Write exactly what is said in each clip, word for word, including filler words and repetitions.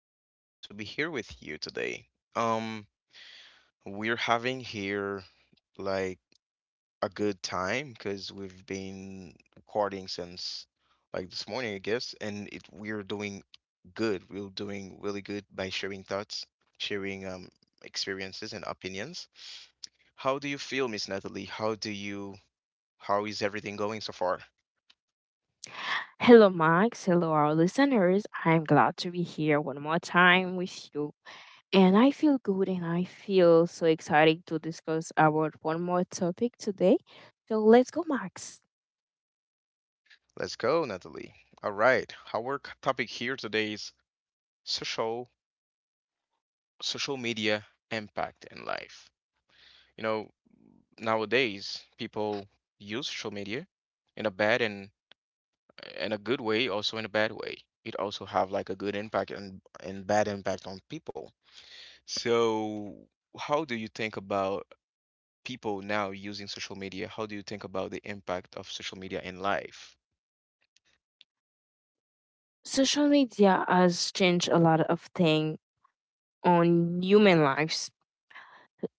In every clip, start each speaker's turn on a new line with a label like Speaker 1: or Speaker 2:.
Speaker 1: more than a pleasure to be here with you today. Um, we're having here like a good time because we've been recording since like this morning, I guess, and it we're doing good. We're doing really good by sharing thoughts, sharing um experiences and opinions. How do you feel, Miss Natalie? How do you how is everything going so far?
Speaker 2: Hello, Max. Hello, our listeners. I'm glad to be here one more time with you. And I feel good and I feel so excited to discuss about one more topic today. So let's go, Max.
Speaker 1: Let's go, Natalie. All right. Our c- topic here today is social social media impact in life. You know, nowadays people use social media in a bad and in a good way, also in a bad way. It also have like a good impact and and bad impact on people. So, how do you think about people now using social media? How do you think about the impact of social media in life?
Speaker 2: Social media has changed a lot of things on human lives.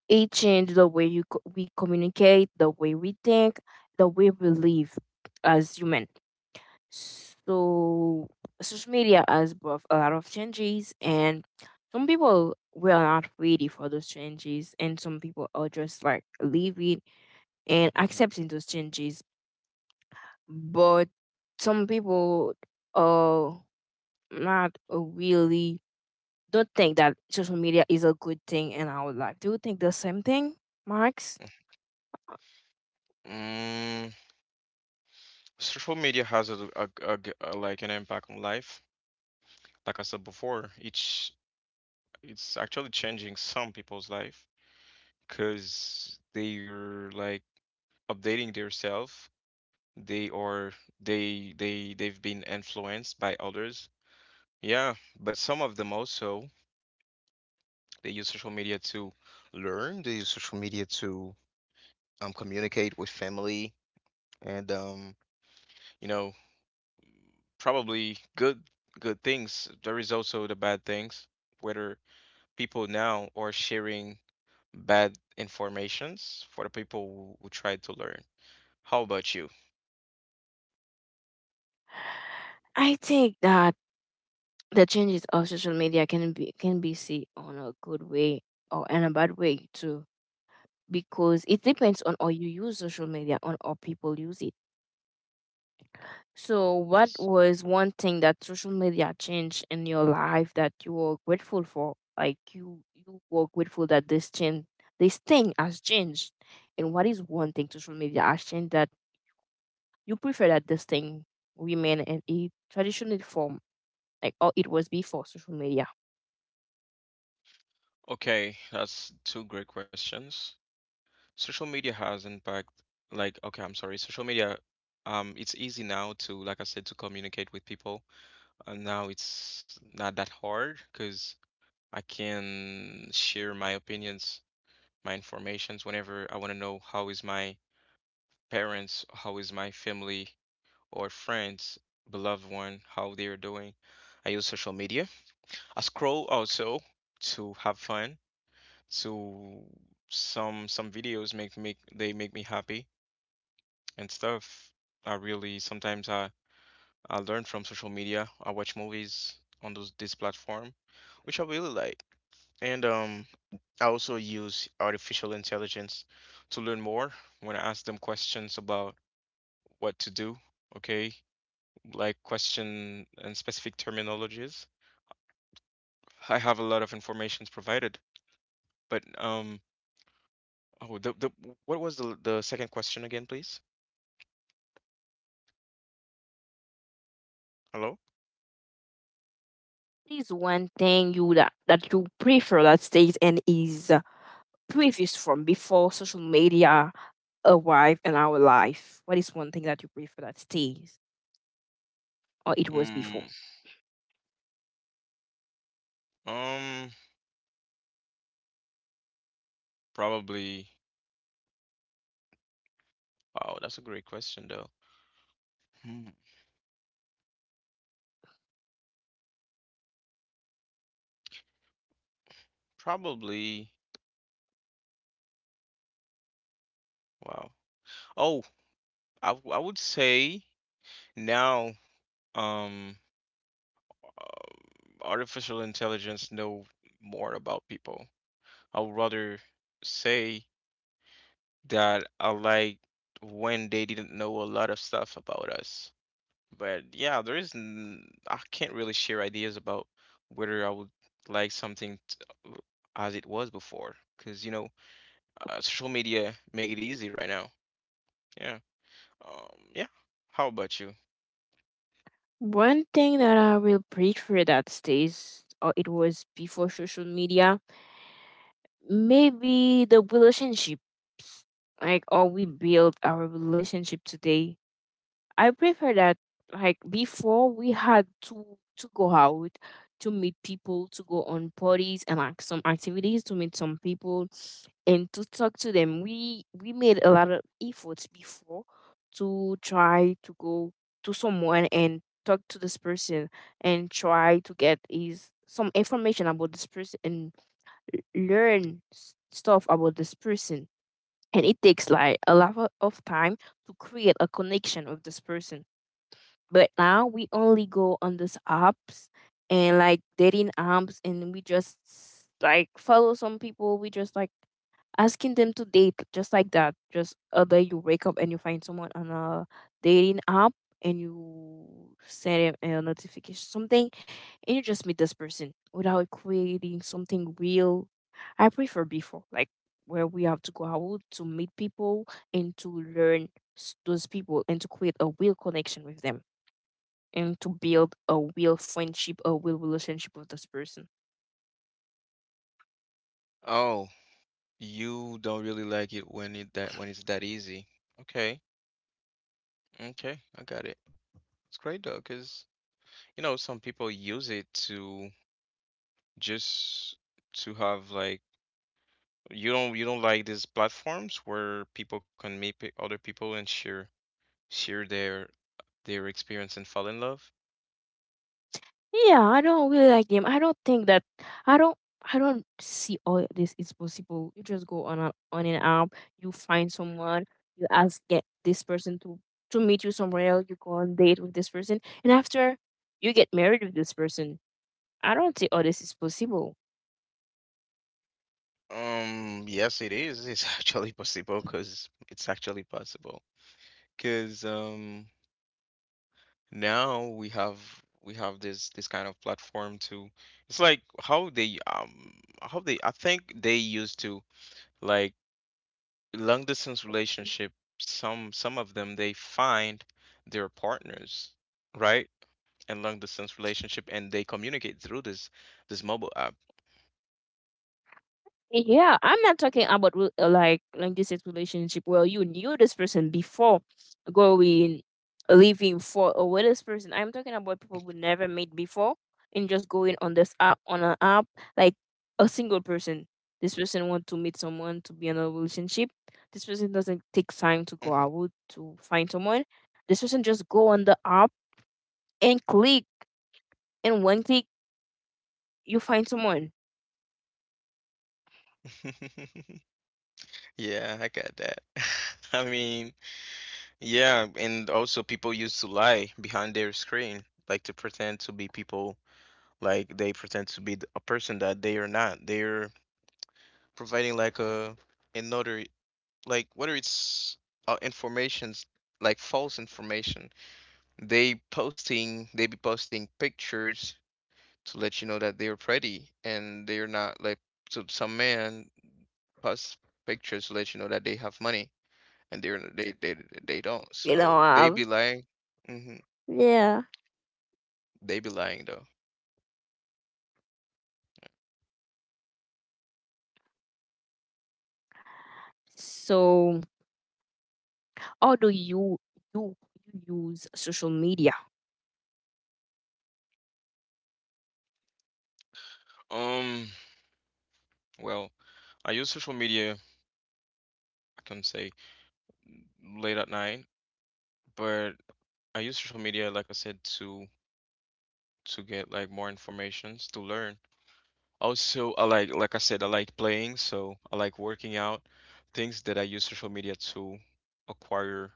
Speaker 2: It changed the way you co- we communicate, the way we think, the way we live as human. So social media has brought a lot of changes, and some people were not ready for those changes, and some people are just like living and
Speaker 1: Hmm.
Speaker 2: accepting those changes. But some people are not really don't think that social media is a good thing in our life. Do you think the same thing, Max?
Speaker 1: Mm, social media has a, a, a g- a, like an impact on life. Like I said before, it's it's actually changing some people's life because they're like updating themselves. They are they they they've been influenced by others. Yeah, but some of them also they use social media to learn. They use social media to um communicate with family and um you know probably good good things. There is also the bad things, whether people now are sharing bad informations for the people who, who try to learn. How about you?
Speaker 2: I think that the changes of social media can be can be seen on a good way or in a bad way too, because it depends on how you use social media, on how people use it. So what
Speaker 1: Yes.
Speaker 2: was one thing that social media changed in your life that you were grateful for, like you you were grateful that this change, this thing has changed? And what is one thing social media has changed that you prefer that this thing remain in a traditional form, like how it was before social media?
Speaker 1: Okay, that's two great questions. Social media has impact like okay, I'm sorry. Social media um it's easy now to like I said to communicate with people. Uh, now it's not that hard because I can share my opinions, my informations whenever I want to know how is my parents, how is my family or friends, beloved one, how they are doing. I use social media. I scroll also to have fun. To some some videos make make they make me happy and stuff. I really sometimes I I learn from social media. I watch movies on those this platform, which I really like. And um, I also use artificial intelligence to learn more when I ask them questions about what to do, okay? Like question and specific terminologies. I have a lot of informations provided, but um, oh, the, the what was the the second question again, please? Hello?
Speaker 2: What is one thing you that, that you prefer that stays and is previous from before social media arrived in our life? What is one thing that you prefer that stays or it was before?
Speaker 1: Mm, um, probably. Wow, that's a great question though. Hmm, probably. Wow. Oh, I w- I would say now. Um. um, artificial intelligence know more about people. I would rather say that I like when they didn't know a lot of stuff about us. But yeah, there is n- I can't really share ideas about whether I would like something t- uh, as it was before, because you know, uh, social media make it easy right now. Yeah. Um, yeah. How about you?
Speaker 2: One thing that I will prefer that stays or it was before social media, maybe the relationship. Like how we build our relationship today, I prefer that, like before, we had to to go out to meet people, to go on parties and like some activities to meet some people and to talk to them. We we made a lot of efforts before to try to go to someone and talk to this person and try to get is some information about this person and learn s- stuff about this person. And it takes like a lot of of time to create a connection with this person. But now we only go on these apps and like dating apps, and we just like follow some people. We just like asking them to date just like that. Just other you wake up and you find someone on a dating app, and you send them a notification something, and you just meet this person without creating something real. I prefer before, like where we have to go out to meet people and to learn s- those people and to create a real connection with them and to build a real friendship, a real relationship with this person.
Speaker 1: Oh, you don't really like it when it that when it's that easy. Okay. Okay, I got it. It's great though, because you know some people use it to just to have like you don't you don't like these platforms where people can meet pe- other people and share share their their experience and fall in love.
Speaker 2: Yeah, I don't really like them. I don't think that I don't I don't see all this is possible. You just go on a, on an app, you find someone, you ask get this person to to meet you somewhere else, you go on date with this person, and after you get married with this person. I don't see all this is possible.
Speaker 1: Um, yes, it is. It's actually possible because it's actually possible because um now we have we have this this kind of platform to it's like how they um how they I think they used to like long distance relationship some some of them they find their partners right in long distance relationship and they communicate through this this mobile app.
Speaker 2: Yeah, I'm not talking about re- uh, like like this is relationship where you knew this person before going living for or with this person. I'm talking about people who never met before and just going on this app, on an app, like a single person. This person want to meet someone to be in a relationship. This person doesn't
Speaker 1: Mhm.
Speaker 2: take time to go out to find someone. This person just go on the app and click, and one click you find someone.
Speaker 1: Yeah, I got that. I mean, yeah, and also people used to lie behind their screen like to pretend to be people like they pretend to be th- a person that they are not. They're providing like a another like whether it's uh, informations like false information. They posting they be posting pictures to let you know that they're pretty and they're not, like. So some man post pictures to let you know that they have money and they're they they, they don't,
Speaker 2: You know,
Speaker 1: so they
Speaker 2: uh,
Speaker 1: be lying. Hmm.
Speaker 2: yeah.
Speaker 1: They be lying though.
Speaker 2: So how do you, do you use social media?
Speaker 1: Um, well, I use social media, I can say late at night, but I use social media, like I said, to to get like more informations to learn. Also, I like like I said, I like playing, so I like working out. Things that I use social media to acquire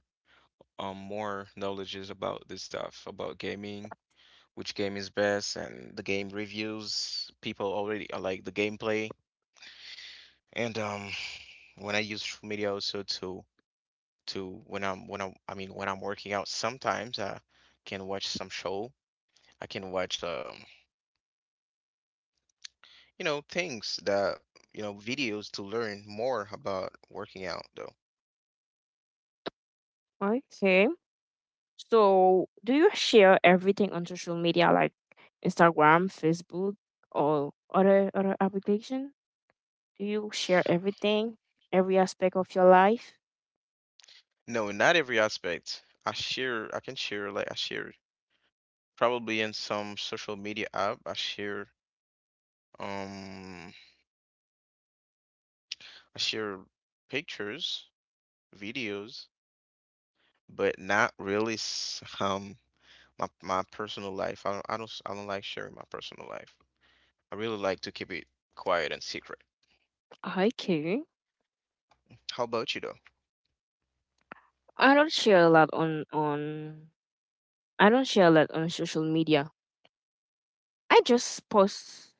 Speaker 1: um more knowledges about this stuff, about gaming, which game is best, and the game reviews. People already I like the gameplay, and um when I use social media also to to when I'm when I'm I mean when I'm working out, sometimes I can watch some show. I can watch um you know things that you know videos to learn more about working out though.
Speaker 2: Okay. So, do you share everything on social media like Instagram, Facebook, or other other application? Do you share everything, every aspect of your life?
Speaker 1: No, not every aspect. I share, I can share, like I share probably in some social media app. I share, um, I share pictures, videos, but not really s- um my my personal life. I don't, I don't, s- I don't like sharing my personal life. I really like to keep it quiet and secret.
Speaker 2: Okay.
Speaker 1: How about you though?
Speaker 2: I don't share a lot on on I don't share a lot on social media. I just post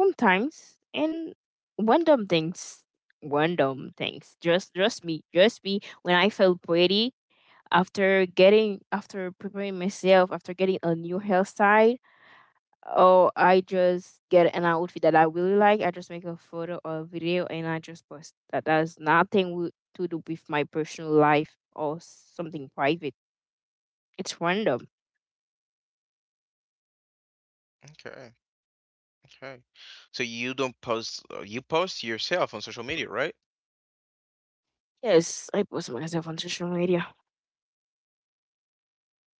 Speaker 2: sometimes, and random things, random things. Just trust me, trust me, when I felt pretty after getting, after preparing myself, after getting a new hairstyle or I just get an outfit that I really like, I just make a photo or a video and I just post. That has nothing wi- to do with my personal life or something private. It's random.
Speaker 1: Okay, okay. So you don't post, uh, you post yourself on social media, right?
Speaker 2: Yes, I post myself on social media.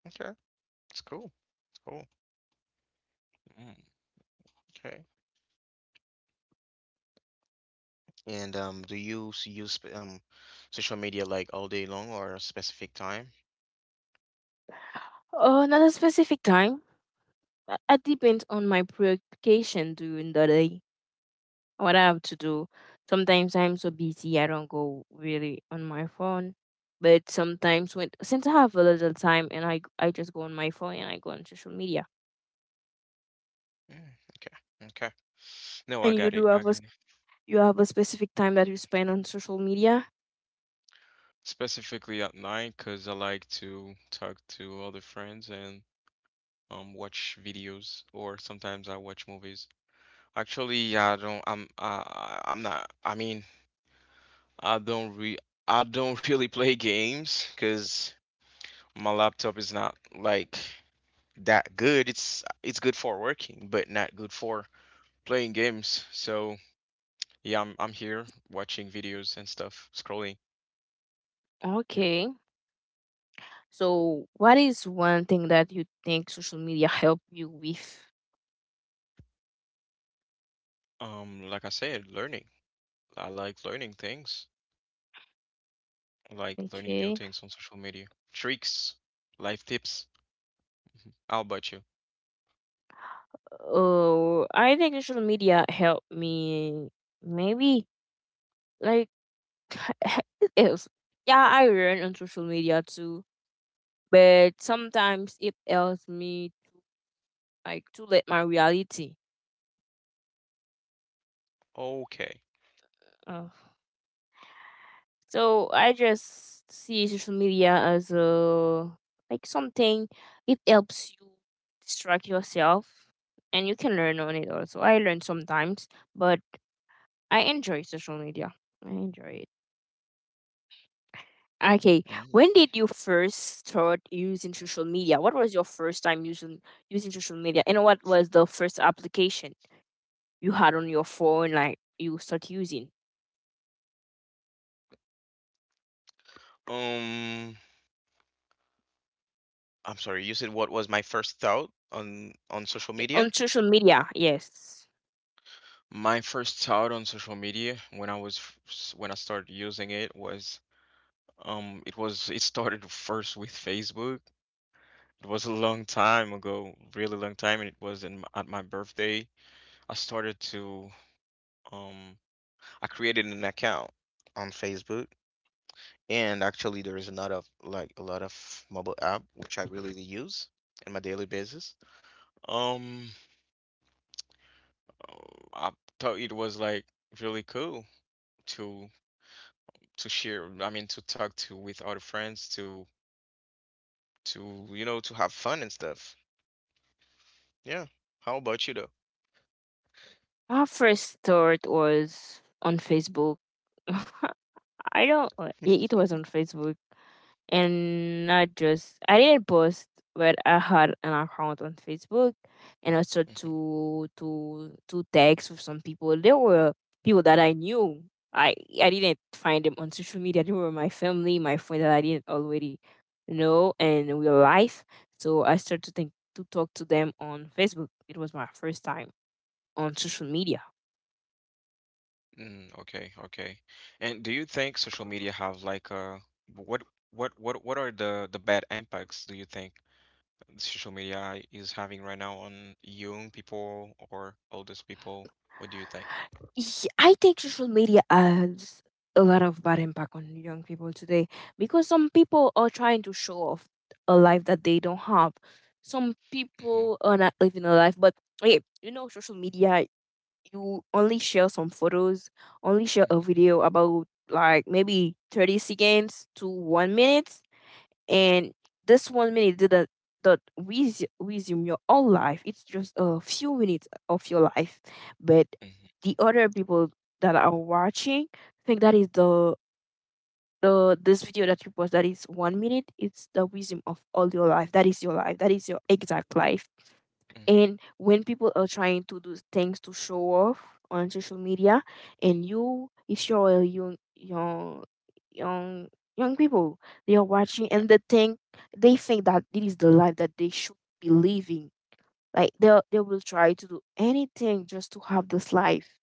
Speaker 1: Okay, that's cool. Cool. Mm, okay. And um, do you s- use sp- um social media like all day long or a specific time?
Speaker 2: Oh, not a specific time. Uh, It depends on my preoccupation during the day, what I have to do. Sometimes I'm so busy, I don't go really on my phone. But sometimes when since I have a little time, and I I just go on my phone and I go on social media.
Speaker 1: Mm, okay, okay. No, I
Speaker 2: And you
Speaker 1: got
Speaker 2: do
Speaker 1: it. I
Speaker 2: have a s-
Speaker 1: got it.
Speaker 2: you have a specific time that you spend on social media.
Speaker 1: Specifically at night because I like to talk to other friends and um watch videos or sometimes I watch movies. Actually, I don't. I'm. I. I'm not. I mean, I don't re. I don't really play games because my laptop is not like that good. It's it's good for working, but not good for playing games. So yeah, I'm I'm here watching videos and stuff, scrolling. Yeah.
Speaker 2: Okay. So what is one thing that you think social media help you with?
Speaker 1: Um, like I said, learning. I like learning things. I like learning new
Speaker 2: Okay.
Speaker 1: things on social media. Tricks, life tips. How about you?
Speaker 2: Oh, I think social media helped me maybe like it helps. Yeah, I run on social media too, but sometimes it helps me like to let my reality.
Speaker 1: Okay.
Speaker 2: Uh, so I just see social media as a like something. It helps you distract yourself, and you can learn on it also. I learn sometimes, but I enjoy social media. I enjoy it. Okay,
Speaker 1: Mm.
Speaker 2: when did you first start using social media? What was your first time using using social media, and what was the first application you had on your phone, like you start using?
Speaker 1: Um, I'm sorry. You said what was my first thought on on social
Speaker 2: Eh,
Speaker 1: media?
Speaker 2: on social media? Yes,
Speaker 1: My first thought on social media when I was f- s- when I started using it was um it was it started first with Facebook. It was a long time ago, really long time, and it was in, m- at my birthday. I started to um I created an account on Facebook, and actually there is another of- like a lot of mobile app which I really use on my daily basis. Um, I thought it was like really cool to to share, I mean to talk to with other friends to to you know to have fun and stuff. Yeah. How about you though?
Speaker 2: my first start was on Facebook. I don't. uh, It it was on Facebook. And not just I didn't post, but I had an account on Facebook, and I started
Speaker 1: Mhm.
Speaker 2: to to to text with some people. They were people that I knew. I I didn't find them on social media. They were my family, my friend that I didn't already know in real life. So I started to think to talk to them on Facebook. It was my first time on social media.
Speaker 1: Mm, okay, okay. And do you think social media have like a what what what what are the the bad impacts do you think social media is having right now on young people or oldest people? What do you think?
Speaker 2: Ye- I think social media has a lot of bad impact on young people today because some people are trying to show off a life that they don't have. Some
Speaker 1: Mm-hmm,
Speaker 2: people are not living a life, but hey, you know, social media, you only share some photos, only share a
Speaker 1: mm-hmm,
Speaker 2: video about like maybe thirty seconds to one minute. And
Speaker 1: mm-hmm,
Speaker 2: this one minute that that that with resume your whole life, it's just a few minutes of your life. But
Speaker 1: mm-hmm,
Speaker 2: the other people that are watching think that is the the this video that you post that is one minute, it's the wisdom of all your life, that is your life, that is your exact life.
Speaker 1: hmm.
Speaker 2: And when people are trying to do things to show off on social media, and you, if you're a young, young, young, young, people, they are watching
Speaker 1: Yeah,
Speaker 2: and they think, they think that it is the life that they should be living. Like they they will try to do anything just to have this life,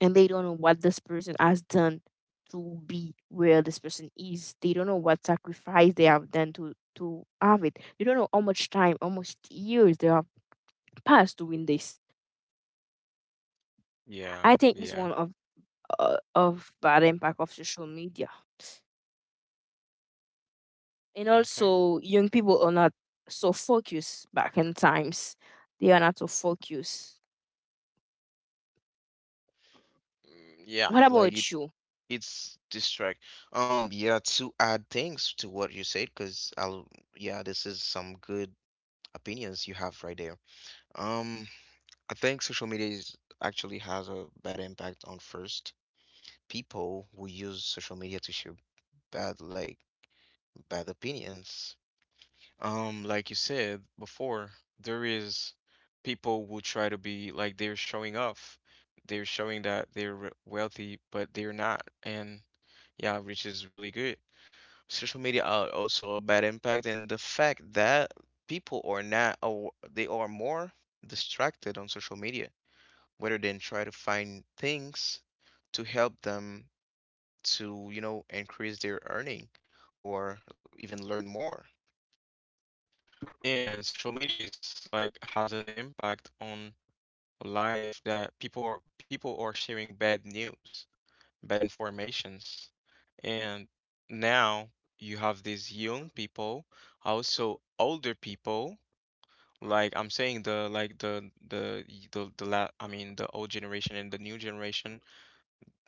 Speaker 2: and they don't know what this person has done to be where this person is. They don't know what sacrifice they have done to to have it. They don't know how much time, how much years they have passed doing this.
Speaker 1: yeah,
Speaker 2: I think it's
Speaker 1: yeah.
Speaker 2: one of uh, of bad impact of social media, and
Speaker 1: Okay.
Speaker 2: also young people are not so focused back in times. They are not so focused.
Speaker 1: Mm, yeah,
Speaker 2: What
Speaker 1: it- like it
Speaker 2: about you?
Speaker 1: it's distract. Um, yeah, to add things to what you said, because I'll yeah, this is some good opinions you have right there. Um, I think social media is actually has a bad impact on first people who use social media to share bad like bad opinions. Um, like you said before, there is people who try to be like they're showing off. They're showing that they're re- wealthy, but they're not. And yeah, which is really good. Social media are also a bad impact, and the fact that people are not, aw- they are more distracted on social media, rather than try to find things to help them to, you know, increase their earning or even learn more. And social media is like has an impact on life that people are, people are sharing bad news, bad informations. And now you have these young people, also older people. Like I'm saying, the like the the the the la I mean the old generation and the new generation,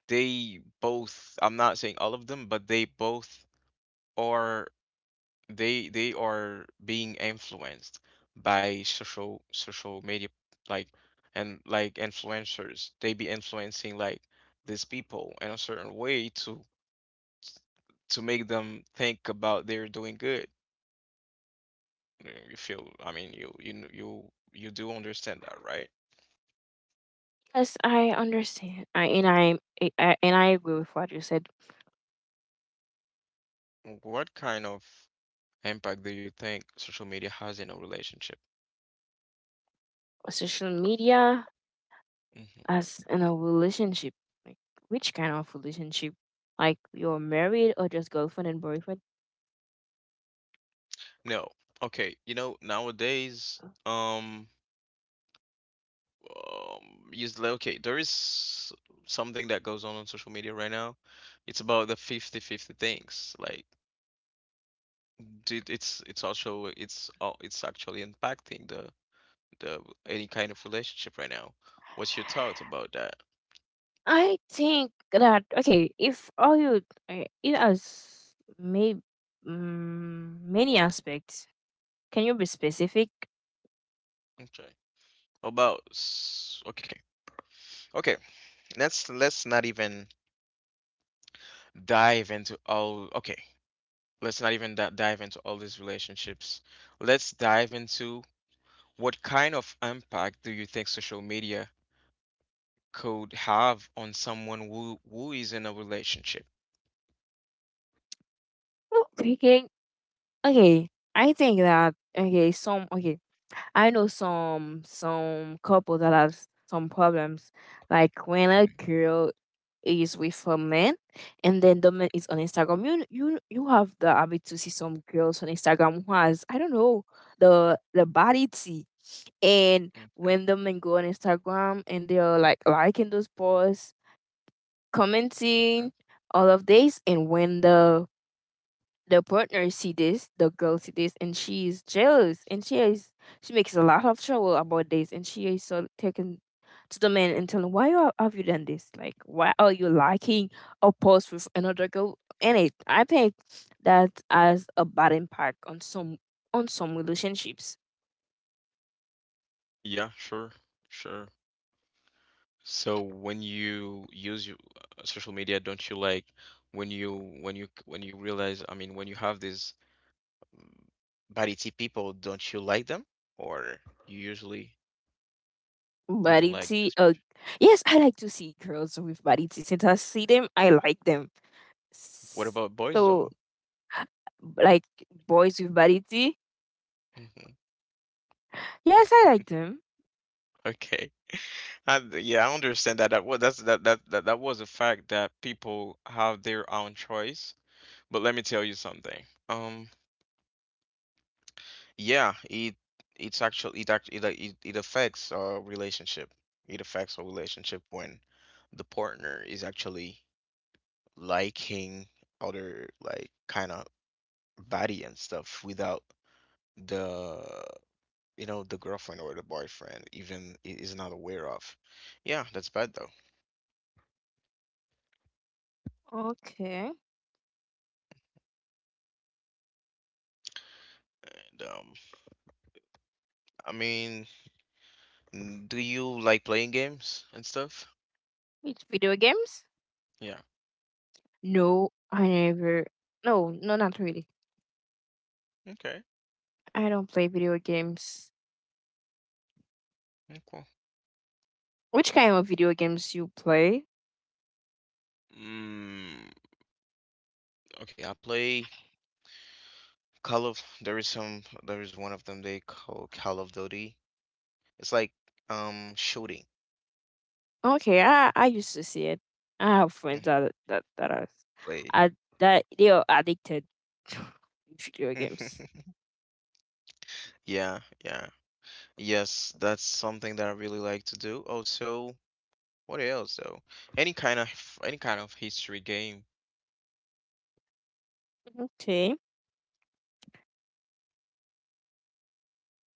Speaker 1: they both. I'm not saying all of them, but they both are they they are being influenced by social social media, like and like influencers. They be influencing like these people in a certain way to to make them think about they're doing good. You know, you feel, I mean, you you kn- you you do understand that, right?
Speaker 2: Yes, I understand. I and I, I I- and I agree with what you said.
Speaker 1: What kind of impact do you think social media has in a relationship?
Speaker 2: Social media
Speaker 1: Hmm.
Speaker 2: as in a relationship, like which kind of relationship? Like you're married or just girlfriend and boyfriend?
Speaker 1: No. Okay, you know, nowadays, um, um, is li- okay, there is something that goes on on social media right now. It's about the fifty-fifty things. Like, d- it's it's also it's uh, it's actually impacting the the any kind of relationship right now. What's your thoughts about that?
Speaker 2: I think that okay, if all you uh, it has may mm, many aspects. Can you be specific?
Speaker 1: Okay. About s- okay. Okay. Let's let's not even dive into all okay. Let's not even di- dive into all these relationships. Let's dive into what kind of impact do you think social media could have on someone who who is in a relationship.
Speaker 2: No, speaking. Okay, I think that okay, some, okay, I know some some couple that has some problems, like when a
Speaker 1: Okay.
Speaker 2: girl is with a man, and then the man is on Instagram. You you you have the habit to see some girls on Instagram who has I don't know the the body tea. And
Speaker 1: Mm,
Speaker 2: when them and go on Instagram and they're like liking those posts,
Speaker 1: okay.
Speaker 2: commenting, all of this, and when the the partner see this, the girl see this, and she is jealous, and she is she makes a lot of trouble about this, and she is so taken to the man and telling why you- have you done this? Like why are you liking a post with another girl in it? I think that has a bad impact on some on some relationships.
Speaker 1: Yeah, sure, sure. So when you use your uh, social media, don't you like when you when you when you realize, I mean, when you have these mm, body type people, don't you like them? Or you usually you don't like
Speaker 2: Vanity.
Speaker 1: this?
Speaker 2: Uh, yes, I like to see girls with vanity. Since I see them, I like them.
Speaker 1: What about boys
Speaker 2: So,
Speaker 1: though?
Speaker 2: like boys with vanity.
Speaker 1: Hmm.
Speaker 2: Yes, I like them.
Speaker 1: Okay. And yeah, I understand that. That was that's that, that that that was a fact that people have their own choice. But let me tell you something. Um, yeah, it it's actually it actually it, it, it affects a relationship. It affects a relationship when the partner is actually liking other like kind of body and stuff without the you know the girlfriend or the boyfriend even i- is not aware of. Yeah, that's bad though.
Speaker 2: Okay.
Speaker 1: And um, I mean, mm, do you like playing games and stuff?
Speaker 2: It's video games?
Speaker 1: Yeah.
Speaker 2: No, I never. No, no, not really.
Speaker 1: Okay.
Speaker 2: I
Speaker 1: Okay.
Speaker 2: don't play video games.
Speaker 1: Mm, cool.
Speaker 2: Which kind of video games you play?
Speaker 1: Mm, okay, I play Call of. There is some. There is one of them they call Call of Duty. It's like um shooting
Speaker 2: Okay, I I used to see it. I have friends
Speaker 1: mm,
Speaker 2: that that that are,
Speaker 1: play.
Speaker 2: are that they are addicted to video games.
Speaker 1: Yeah, yeah. Yes, that's something that I really like to do. Also, what else though? Any kind of any kind of history game.
Speaker 2: Okay.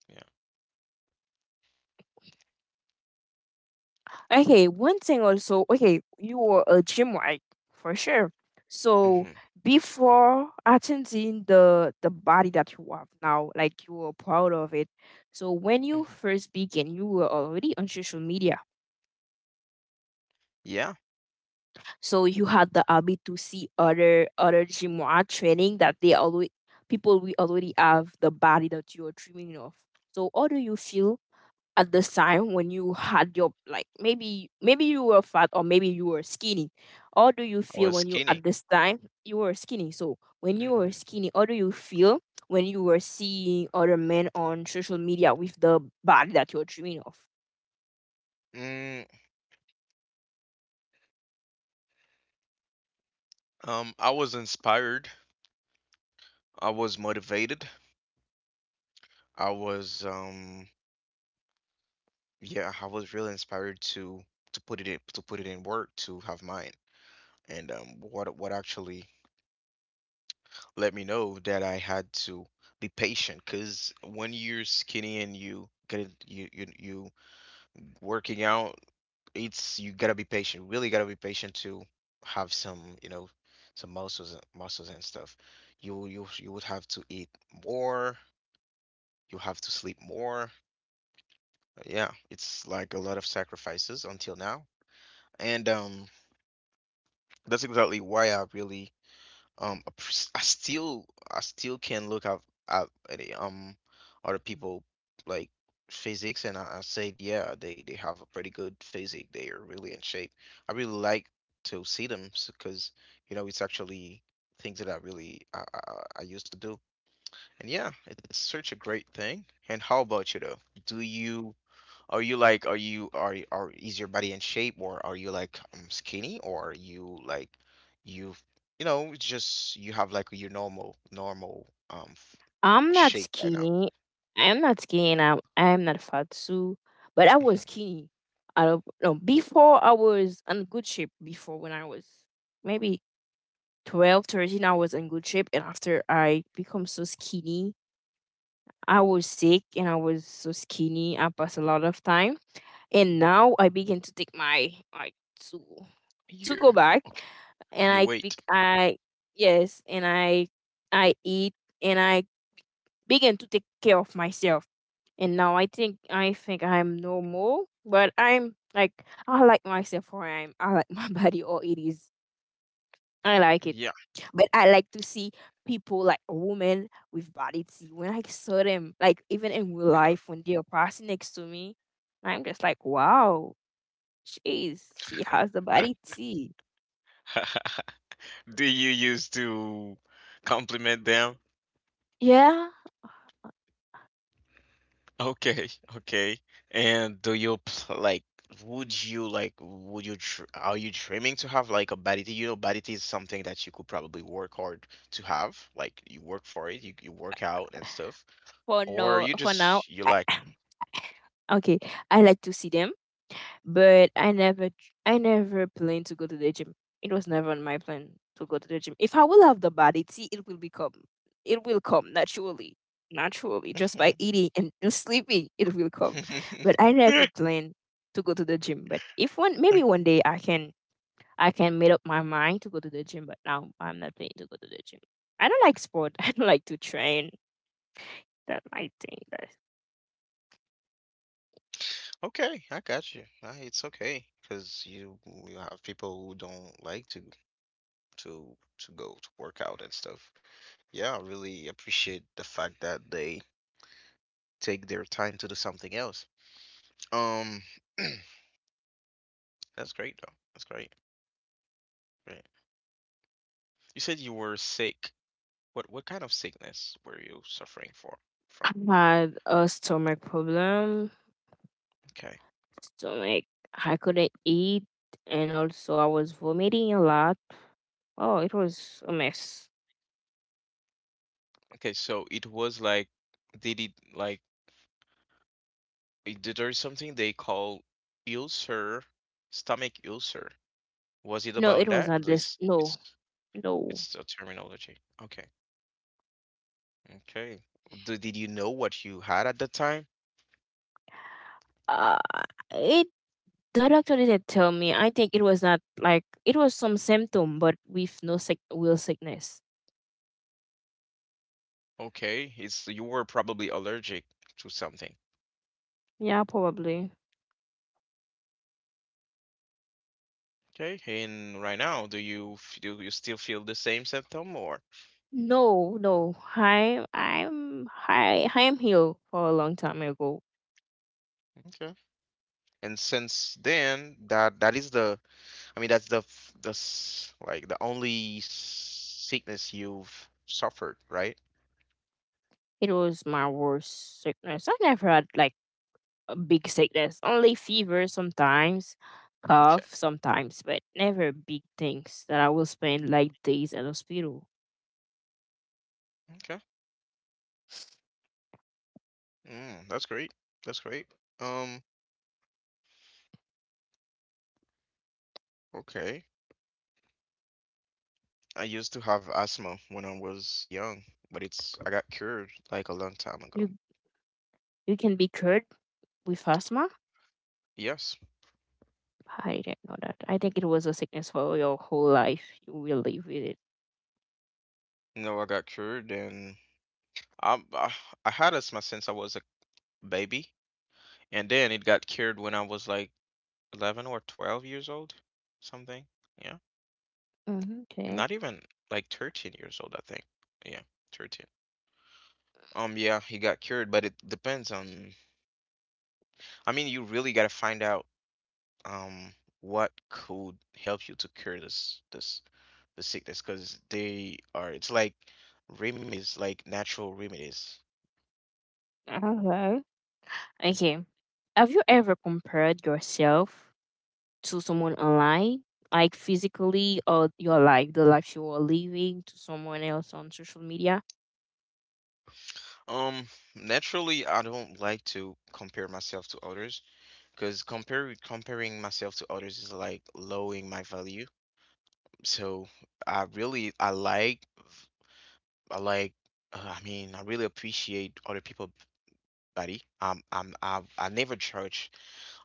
Speaker 1: Yeah.
Speaker 2: Okay, one thing also, okay, you were a gym rat for sure. So
Speaker 1: Hmm.
Speaker 2: before attending the the body that you have now, like you were proud of it. So when you
Speaker 1: Hmm.
Speaker 2: first began, you were already on social media.
Speaker 1: Yeah,
Speaker 2: So you had the habit to see other other gym rat training that they already people we already have the body that you are dreaming of. So how do you feel at this time when you had your like maybe maybe you were fat or maybe you were skinny, how do you feel
Speaker 1: I
Speaker 2: when
Speaker 1: was
Speaker 2: you at
Speaker 1: skinny.
Speaker 2: this time you were skinny, so when you were
Speaker 1: Hmm.
Speaker 2: skinny how do you feel when you were seeing other men on social media with the body that you're dreaming of?
Speaker 1: Mm, um, I was inspired. I was motivated. I was um yeah, I was really inspired to to put it in to put it in work to have mine. And um, what what actually let me know that I had to be patient, because when you're skinny and you get it, you you you working out, it's you gotta be patient. Really gotta be patient to have some, you know, some muscles and- muscles and stuff. You you you would have to eat more. You have to sleep more. Yeah, it's like a lot of sacrifices until now. And um that's exactly why I really um appre- I still I still can look at at the, um other people like physics and I, I said yeah they they have a pretty good physique, they are really in shape. I really like to see them because you know it's actually things that I really I, I, I I used to do, and yeah it's such a great thing. And how about you though, do you are you like, are you are y- are is your body in shape or are you like um, skinny or are you like you you know it's just you have like your normal normal um f-
Speaker 2: I'm not
Speaker 1: shape right now.
Speaker 2: skinny. I'm not skinny and i'm i'm not fat too, but I was
Speaker 1: Mhm.
Speaker 2: skinny. I don't know, before I was in good shape, before when I was maybe twelve, thirteen. I was in good shape. And after I become so skinny, I was sick and I was so skinny. I passed a lot of time. And now I begin to take my like to to go
Speaker 1: You
Speaker 2: back.
Speaker 1: okay?
Speaker 2: And
Speaker 1: Your
Speaker 2: I
Speaker 1: weight.
Speaker 2: bec- I yes, and I I eat and I begin to take care of myself. And now I think I think I'm normal, but I'm like I like myself or I'm I like my body or it is I like it.
Speaker 1: Yeah.
Speaker 2: But I like to see people like a woman with body T. When I saw them, like even in real life, when they are passing next to me, I'm just like, wow, she's she has the body T.
Speaker 1: Do you used to compliment them?
Speaker 2: Yeah.
Speaker 1: Okay, okay. And do you pl- like would you like would you tr are you dreaming to have like a body? You know, body is something that you could probably work hard to have. Like you work for it, you, you work out and stuff.
Speaker 2: For
Speaker 1: Or
Speaker 2: no,
Speaker 1: you
Speaker 2: for now,
Speaker 1: just you
Speaker 2: I,
Speaker 1: like
Speaker 2: okay. I like to see them but I never tr- I never planned to go to the gym. It was never on my plan to go to the gym. If I will have the body, see, it will become it will come naturally. Naturally, just by eating and just sleeping, it will come. But I never planned to go to the gym. But if one maybe one
Speaker 1: Okay.
Speaker 2: day I can I can make up my mind to go to the gym, but now I'm not planning to go to the gym. I don't like sport. I don't like to train. That my thing. That
Speaker 1: Okay, I got you. Uh, It's okay because you you have people who don't like to to to go to work out and stuff. Yeah, I really appreciate the fact that they take their time to do something else. Um, that's great though. That's great. Great. You said you were sick. What what kind of sickness were you suffering for from?
Speaker 2: I had a stomach problem,
Speaker 1: Okay.
Speaker 2: stomach. I couldn't eat, and also I was vomiting a lot. Oh, it was a mess.
Speaker 1: Okay, so it was like they did like it- did there something they call ulcer, stomach ulcer. Was it
Speaker 2: No,
Speaker 1: about
Speaker 2: it was
Speaker 1: that?
Speaker 2: not this.
Speaker 1: It's
Speaker 2: No,
Speaker 1: it's
Speaker 2: no.
Speaker 1: it's a terminology. Okay. Okay. Did, did you know what you had at the time?
Speaker 2: Uh, it the doctor didn't tell me. I think it was not like it was some symptom, but with no sick will sickness.
Speaker 1: Okay, it's you were probably allergic to something.
Speaker 2: Yeah, probably.
Speaker 1: Okay, and right now, do you f- do you still feel the same symptom or?
Speaker 2: No, no. I I'm I I am healed for a long time ago.
Speaker 1: Okay. And since then, that that is the, I mean, that's the f- the s- like the only sickness you've suffered, right?
Speaker 2: It was my worst sickness. I never had like big sickness. Only fever sometimes,
Speaker 1: Okay.
Speaker 2: cough sometimes, but never big things that I will spend like days in hospital.
Speaker 1: Okay. Mm, that's great. That's great. Um, okay. I used to have asthma when I was young, but it's I got cured like a long time ago.
Speaker 2: You you can be cured with asthma?
Speaker 1: Yes.
Speaker 2: I didn't know that. I think it was a sickness for your whole life. You will live with it.
Speaker 1: No, I got cured and I I, I had asthma since I was a baby. And then it got cured when I was like eleven or twelve years old, something. Yeah.
Speaker 2: Mhm. Okay.
Speaker 1: Not even like thirteen years old, I think. Yeah, thirteen. Um, yeah, he got cured, but it depends on, I mean, you really got to find out um what could help you to cure this this the sickness because they are it's like remedies, like natural remedies.
Speaker 2: Okay. Okay. Have you ever compared yourself to someone online, like physically, or your life, the life you are living, to someone else on social media?
Speaker 1: Mhm. Um, naturally, I don't like to compare myself to others, because compare comparing myself to others is like lowering my value. So I really I like I like uh, I mean I really appreciate other people body. Um, I'm I I never judge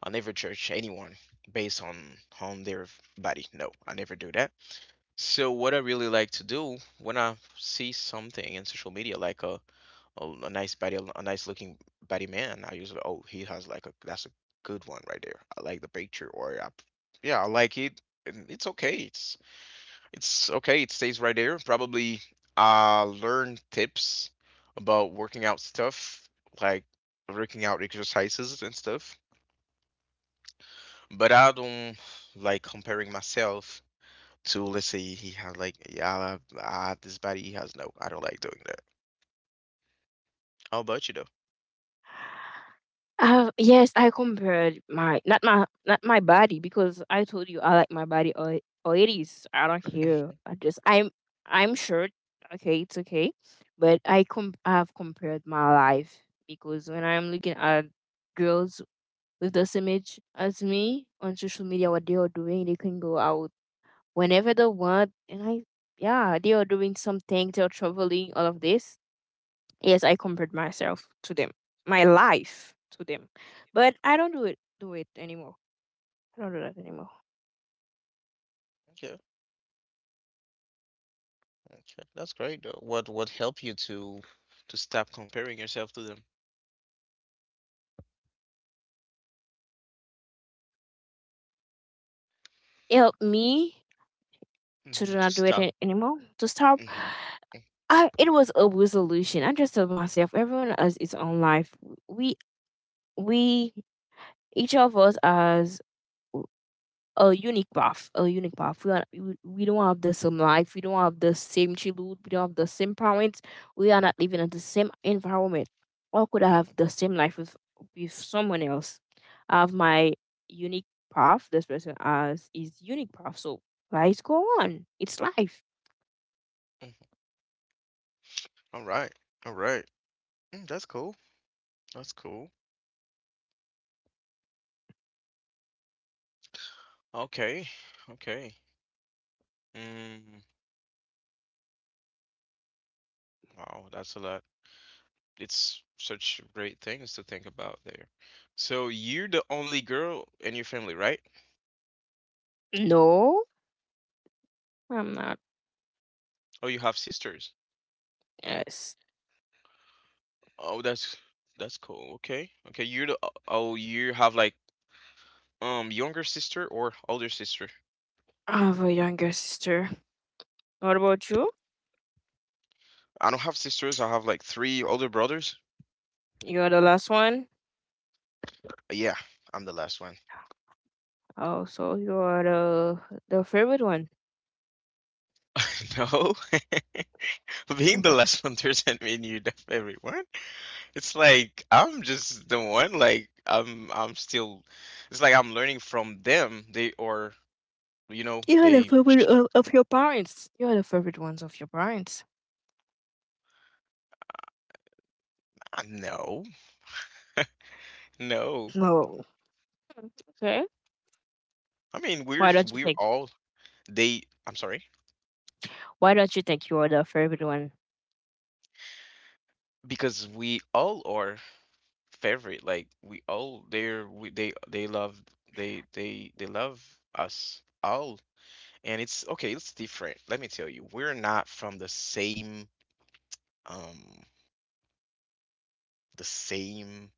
Speaker 1: I never judge anyone based on on their body. No, I never do that. So what I really like to do when I see something in social media like a oh, a nice body, a nice looking body man. I usually, oh, he has like a, that's a good one right there. I like the picture, or I, yeah, I like it. And it's okay. It's it's okay. It stays right there. Probably, uh, learn tips about working out stuff, like working out exercises and stuff. But I don't like comparing myself to, let's say, he has like, yeah, I have, I have this body. He has no. I don't like doing that. How about you though?
Speaker 2: Uh, yes, I compared my not my not my body because I told you I like my body or or it is. I don't care. I just I'm I'm short. Okay, it's okay, but I com I've compared my life because when I'm looking at girls with the same age as me on social media what they are doing. They can go out whenever they want. And I, yeah, they are doing something, they're traveling, all of this. Yes, I compared myself to them, my life to them. But I don't do it do it anymore. I don't do that anymore.
Speaker 1: Okay. Okay, that's great though. What what helped you to to stop comparing yourself to them?
Speaker 2: It helped me to do
Speaker 1: Hmm,
Speaker 2: not
Speaker 1: to
Speaker 2: do it a-
Speaker 1: stop.
Speaker 2: anymore. To stop
Speaker 1: Hmm.
Speaker 2: I it was a resolution. I just told myself everyone has its own life. We we each of us has a unique path, a unique path. We are we we don't have the same life, we don't have the same childhood, we don't have the same parents, we are not living in the same environment. Or could I have the same life with with someone else? I have my unique path. This person has his unique path. So life go on. It's life.
Speaker 1: Mhm. All right. All right. Mm, that's cool. That's cool. Okay. Okay. Mm, wow, that's a lot. It's such great things to think about there. So you're the only girl in your family, right?
Speaker 2: No, I'm not.
Speaker 1: Oh, you have sisters.
Speaker 2: Yes.
Speaker 1: Oh, that's that's cool. Okay. Okay, you're the oh, you have like um younger sister or older sister?
Speaker 2: I have a younger sister. What about you?
Speaker 1: I don't have sisters. I have like three older brothers.
Speaker 2: You're the last one.
Speaker 1: Uh, Yeah, I'm the last one.
Speaker 2: Oh, so you are the the favorite one.
Speaker 1: No, being the last one doesn't mean you left everyone. It's like I'm just the one. Like I'm, I'm still. It's like I'm learning from them. They or you know
Speaker 2: You are the
Speaker 1: they.
Speaker 2: favorite of, of your parents. You are the favorite ones of your parents.
Speaker 1: Uh, No, no.
Speaker 2: No. Mm, okay.
Speaker 1: I mean we're
Speaker 2: Why don't you
Speaker 1: we're
Speaker 2: think?
Speaker 1: all they. I'm sorry
Speaker 2: Why don't you think you are the favorite one?
Speaker 1: because we all are favorite. Like we all they're we, they they love they they they love us all. And it's okay it's different, let me tell you, we're not from the same um the same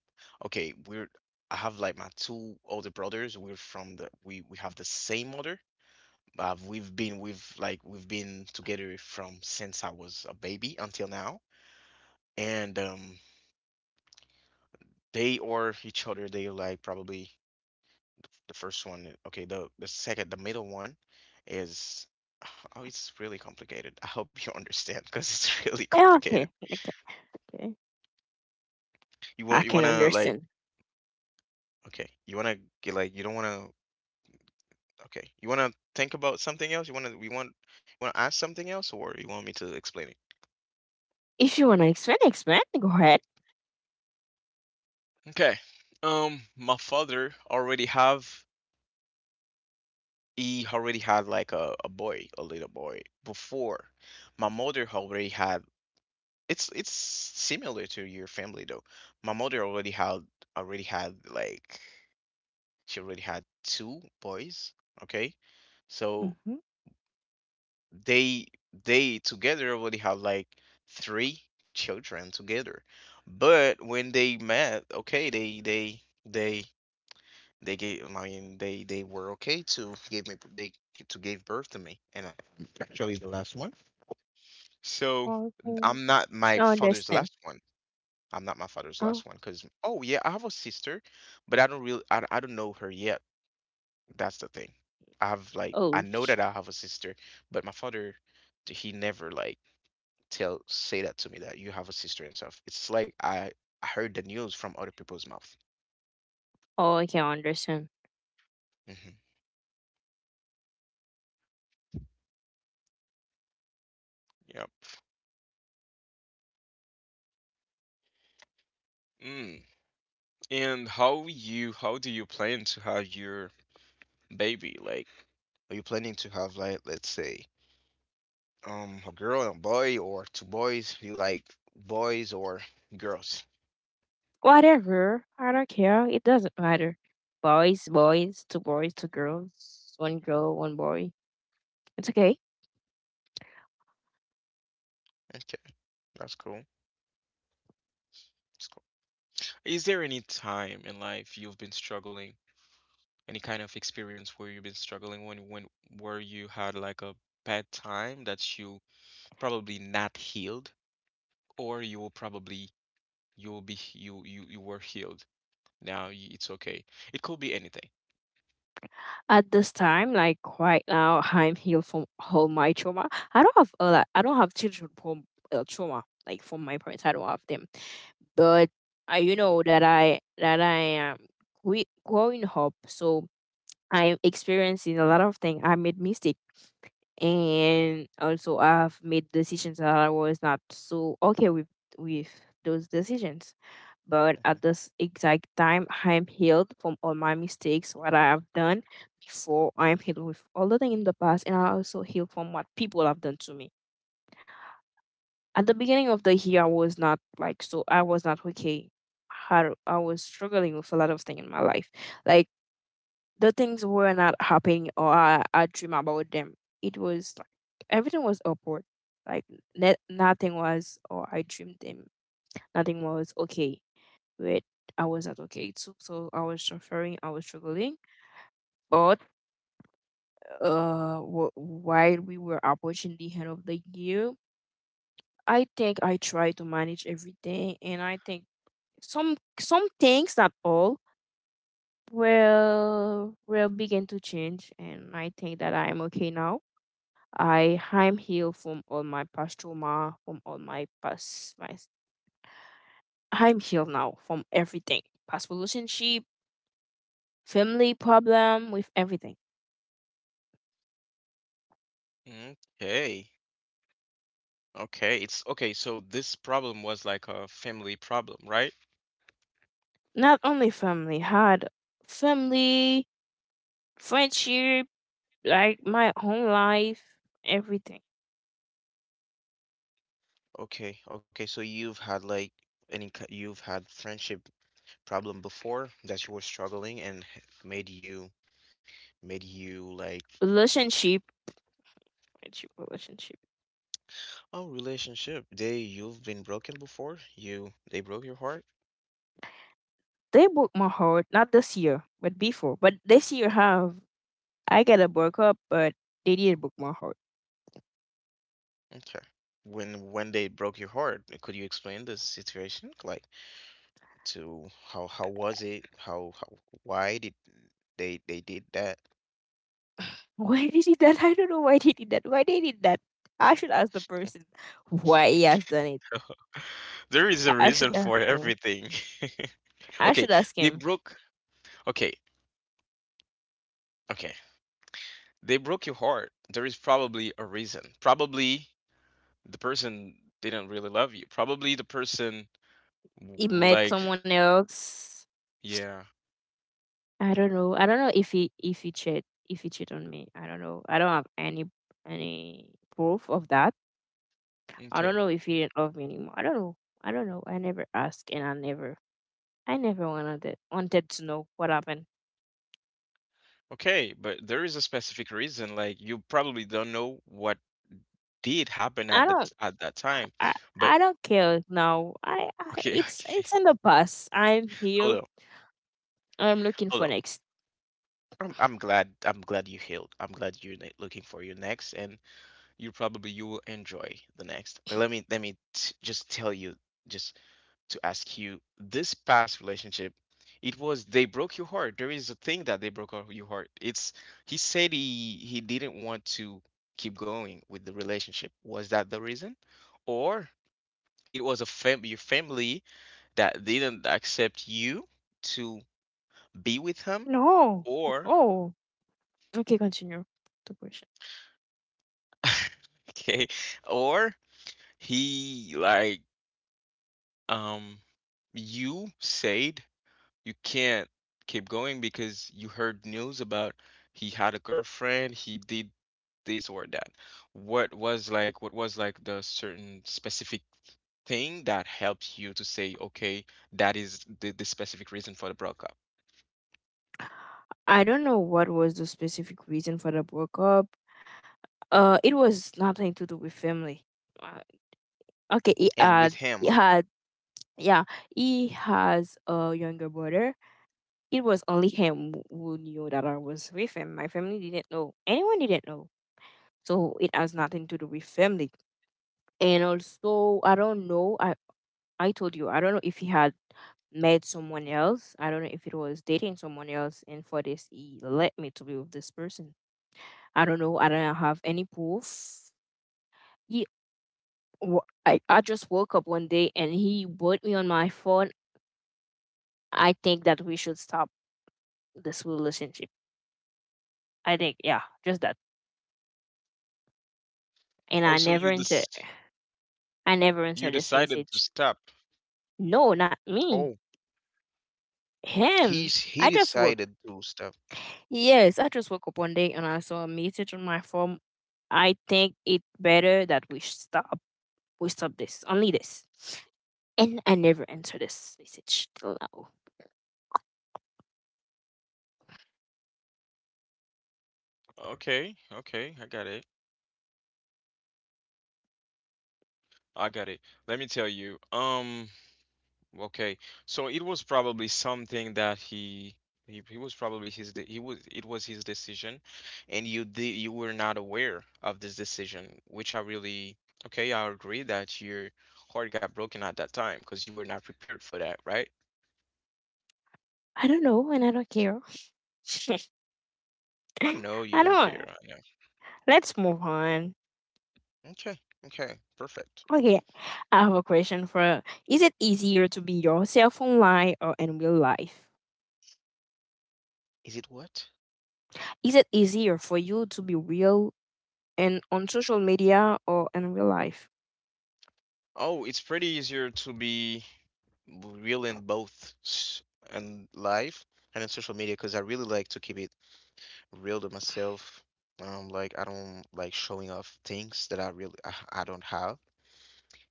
Speaker 1: okay we're. I have like my two older brothers, we're from the we we have the same mother. uh, we've been we've like we've been together from since I was a baby until now. And um they or each other they are like probably the first one, okay the the second, the middle one is oh it's really complicated. I hope you understand because it's really
Speaker 2: Yeah,
Speaker 1: complicated.
Speaker 2: okay. Okay. Okay.
Speaker 1: You want
Speaker 2: I
Speaker 1: you want
Speaker 2: can
Speaker 1: to like
Speaker 2: understand.
Speaker 1: okay, you want to get like you don't want to okay. You want to think about something else? You want to we want you want to ask something else or you want me to explain it?
Speaker 2: If you wanna explain, explain. Go ahead.
Speaker 1: Okay. Um, my father already have he already had like a, a boy, a little boy before. My mother already had it's it's similar to your family though. My mother already had already had like she already had two boys, okay? So
Speaker 2: Mm-hmm.
Speaker 1: they they together already have like three children together. But when they met okay they they they they gave I mean they they were okay to give me they to give birth to me. And I, actually the last one. So
Speaker 2: Okay.
Speaker 1: I'm not
Speaker 2: I
Speaker 1: my father's
Speaker 2: understand.
Speaker 1: last one. I'm not my father's
Speaker 2: Oh.
Speaker 1: last one because oh yeah I have a sister but I don't really I, I don't know her yet. That's the thing. I have like I
Speaker 2: Oh.
Speaker 1: know that
Speaker 2: sh-
Speaker 1: I have a sister but my father he never like tell say that to me that you have a sister and stuff. It's like I I heard the news from other people's mouth.
Speaker 2: Oh. I can understand.
Speaker 1: Hmm. Yep. Mm. And how you how do you plan to have your baby? Like, are you planning to have like let's say um a girl and a boy or two boys? You like boys or girls?
Speaker 2: Whatever. I don't care. It doesn't matter. Boys, boys, two boys, two girls, one girl, one boy. It's okay.
Speaker 1: Okay, that's cool. That's cool. Is there any time in life you've been struggling? Any kind of experience where you've been struggling when when where you had like a bad time that you probably not healed, or you will probably you will be you you you were healed. Now y- it's okay. It could be anything.
Speaker 2: At this time, like right now, I'm healed from all my trauma. I don't have a lot, I don't have children from uh, trauma, like from my parents. I don't have them, but I, you know that I that I am gre- growing up, so I'm experiencing a lot of things. I made mistake, and also I've made decisions that I was not so okay with with those decisions, but at this exact time, I am healed from all my mistakes, what I have done before. I am healed with all the thing in the past, and I also healed from what people have done to me. At the beginning of the year, I was not like so. I was not okay. I, I was struggling with a lot of things in my life. Like the things were not happening, or I, I dream about them. It was like everything was upward. Like ne- nothing was, or I dreamed them. Nothing was okay where I was at. Okay, it took so I was suffering, I was struggling. But uh, w- while we were approaching the end of the year, I think I tried to manage everything, and I think some some things not all will will begin to change, and I think that I am okay now. I I'm healed from all my past trauma, from all my past my I'm healed now from everything, past relationship, family problem, with everything.
Speaker 1: Mhm. Okay. Okay. It's okay. So this problem was like a family problem, right?
Speaker 2: Not only family, had family, friendship, like my whole life, everything.
Speaker 1: Okay, okay, so you've had like, any ki- you've had friendship problem before that you were struggling and h- made you, made you like like
Speaker 2: Relationship, friendship, relationship.
Speaker 1: oh, relationship. They You've been broken before, you they broke your heart.
Speaker 2: They broke my heart, not this year, but before. But this year have I got a broke up, but they didn't break my heart.
Speaker 1: Okay, when when they broke your heart, could you explain the situation, like, to how, how was it how, how why did they they did that?
Speaker 2: Why they did that? I don't know why they did that. Why they did that? I should ask the person why he has done it.
Speaker 1: There is a
Speaker 2: I should
Speaker 1: reason
Speaker 2: ask
Speaker 1: for
Speaker 2: him.
Speaker 1: everything.
Speaker 2: I
Speaker 1: Okay.
Speaker 2: should ask
Speaker 1: they
Speaker 2: him.
Speaker 1: broke Okay, okay, they broke your heart. There is probably a reason. Probably the person didn't really love you. Probably the person, w-
Speaker 2: He
Speaker 1: w-
Speaker 2: met
Speaker 1: like,
Speaker 2: someone else.
Speaker 1: yeah.
Speaker 2: I don't know. I don't know if he if he cheat if he cheat on me. I don't know. I don't have any any proof of that. I don't
Speaker 1: Okay.
Speaker 2: know if he didn't love me anymore. I don't know. I don't know. I never asked and I never I never wanted wanted to know what happened.
Speaker 1: Okay, but there is a specific reason, like, you probably don't know what did happen
Speaker 2: I
Speaker 1: at that
Speaker 2: don't
Speaker 1: at that time.
Speaker 2: I,
Speaker 1: But,
Speaker 2: I don't care now. I, I
Speaker 1: okay.
Speaker 2: it's
Speaker 1: Okay.
Speaker 2: it's in the past. I'm
Speaker 1: Hold on.
Speaker 2: healed. I'm looking
Speaker 1: Hold on.
Speaker 2: for next.
Speaker 1: I'm I'm glad I'm glad you healed. I'm glad you're ne- looking for your next, and you probably, you will enjoy the next. Uh, Let me, let me t- just tell you, just to ask you, this past relationship, it was, they broke your heart. There is a thing that they broke up your heart. It's, he said, he he didn't want to keep going with the relationship. Was that the reason, or it was a fam your family that didn't accept you to be with him,
Speaker 2: No.
Speaker 1: or
Speaker 2: Oh. Okay, continue the question.
Speaker 1: okay, or he, like, Um, you said you can't keep going because you heard news about he had a girlfriend, he did this or that. What was like what was like the certain specific thing that helped you to say, okay, that is the, the specific reason for the breakup?
Speaker 2: I don't know what was the specific reason for the breakup. Uh, it was nothing to do with family. Uh, okay, he
Speaker 1: And with
Speaker 2: had,
Speaker 1: him
Speaker 2: he
Speaker 1: also.
Speaker 2: had, yeah, he has a younger brother. It was only him who who knew that I was with him. My family didn't know. Anyone didn't know. So it has nothing to do with family. And also, I don't know. I I told you, I don't know if he had met someone else. I don't know if it was dating someone else. And for this, he let me to be with this person. I don't know. I don't have any proof. He w- I, I just woke up one day and he put me on my phone. I think that we should stop this relationship. I think, yeah, just that. And
Speaker 1: Oh,
Speaker 2: I
Speaker 1: so
Speaker 2: never
Speaker 1: you
Speaker 2: enter
Speaker 1: this,
Speaker 2: I never
Speaker 1: you
Speaker 2: answered this
Speaker 1: decided to
Speaker 2: message.
Speaker 1: stop.
Speaker 2: No, not
Speaker 1: Oh,
Speaker 2: me.
Speaker 1: he's
Speaker 2: Him.
Speaker 1: he
Speaker 2: I just woke.
Speaker 1: decided to stop.
Speaker 2: Yes, I just woke up one day and I saw a message on my phone. I think it better that we stop. We stop this. Only this. And I never answered this message till now.
Speaker 1: Okay, okay, I got it. I got it. Let me tell you. Um, okay. So it was probably something that he he, he was probably, his de he was, it was his decision, and you did you were not aware of this decision, which I really, okay. I agree that your heart got broken at that time because you were not prepared for that, right?
Speaker 2: I don't know and I don't care.
Speaker 1: I know you
Speaker 2: I
Speaker 1: don't care.
Speaker 2: don't.
Speaker 1: I know.
Speaker 2: Let's move on.
Speaker 1: Okay, okay, perfect.
Speaker 2: Okay, I have a question for Is it easier to be yourself online or in real life?
Speaker 1: Is it what?
Speaker 2: Is it easier for you to be real and on social media or in real life?
Speaker 1: Oh, it's pretty easier to be real in both, s- and live and in social media, because I really like to keep it real to myself. Um, like, I don't like showing off things that I really, I, I don't have.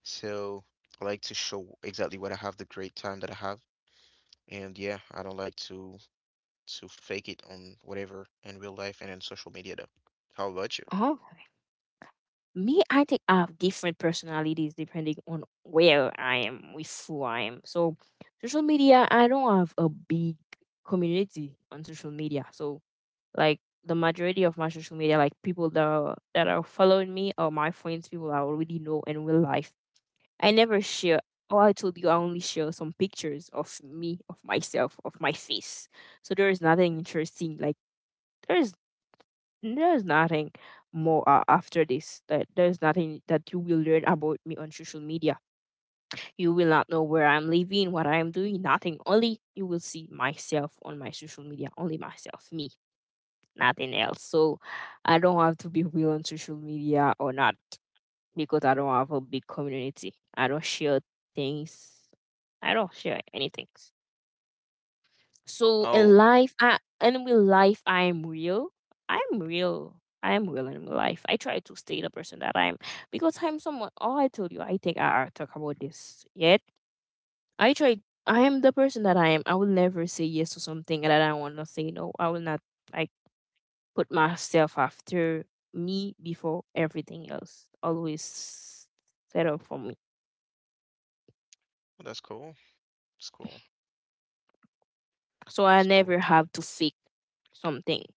Speaker 1: So I like to show exactly what I have, the great time that I have. And yeah, I don't like to to fake it on whatever in real life and in social media though. How about you?
Speaker 2: Oh, me, I think I have different personalities depending on where I am with who I am. So, social media, I don't have a big community on social media. So, like the majority of my social media, like people that are, that are following me or my friends, people I already know in real life I never share. Oh, I told you I only share some pictures of me, of myself, of my face. So there is nothing interesting. Like there's there's nothing more uh, after this. That there's nothing that you will learn about me on social media. You will not know where I'm living, what I'm doing, nothing. Only you will see myself on my social media. Only myself, me, nothing else. So I don't have to be real on social media or not because I don't have a big community. I don't share things. I don't share anything. So in
Speaker 1: Oh,
Speaker 2: life, I and with life, I am real. I'm real. I am real in life. I try to stay the person that I am because I'm someone. Oh, I told you. I think I, I talk about this yet. I try. I am the person that I am. I will never say yes to something that I want to say no. I will not like put myself after me before everything else. Always settle for me
Speaker 1: that's cool. That's cool.
Speaker 2: so
Speaker 1: That's
Speaker 2: I
Speaker 1: cool.
Speaker 2: never have to fake something.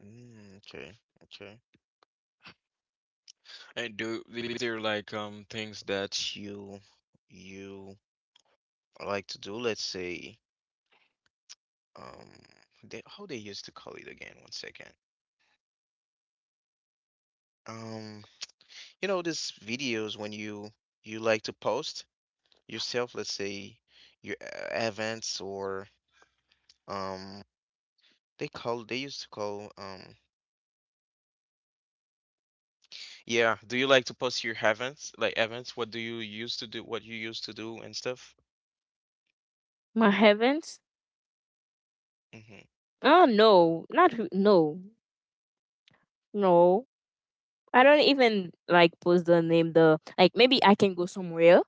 Speaker 1: Mm, okay. Okay. And do These are like, um things that you you like to do? Let's say, um they, how they used to call it again. One second. Um, you know, these videos when you you like to post yourself. Let's say your uh, events or um they call they used to call, um yeah. Do you like to post your events, like, events? What do you used to do? What you used to do and stuff?
Speaker 2: My heavens!
Speaker 1: Mm-hmm.
Speaker 2: Oh no, not who- no, no. I don't even like post the name. The like maybe I can go somewhere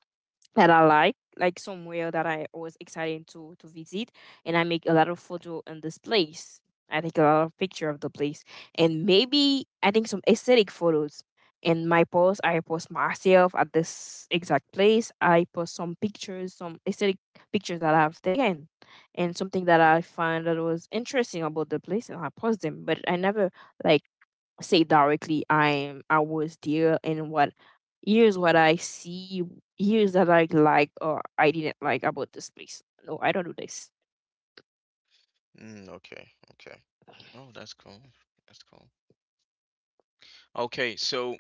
Speaker 2: that I like, like somewhere that I was excited to to visit, and I make a lot of photo in this place. I take a lot of picture of the place, and maybe I think some aesthetic photos. In my post, I post myself at this exact place. I post some pictures, some aesthetic pictures that I have taken, and something that I find that was interesting about the place, and I post them. But I never like say directly I'm I was there and what here's what I see here's that I like or I didn't like about this place. No, I don't do this.
Speaker 1: Mm, okay, okay. Oh, that's cool. That's cool. Okay, so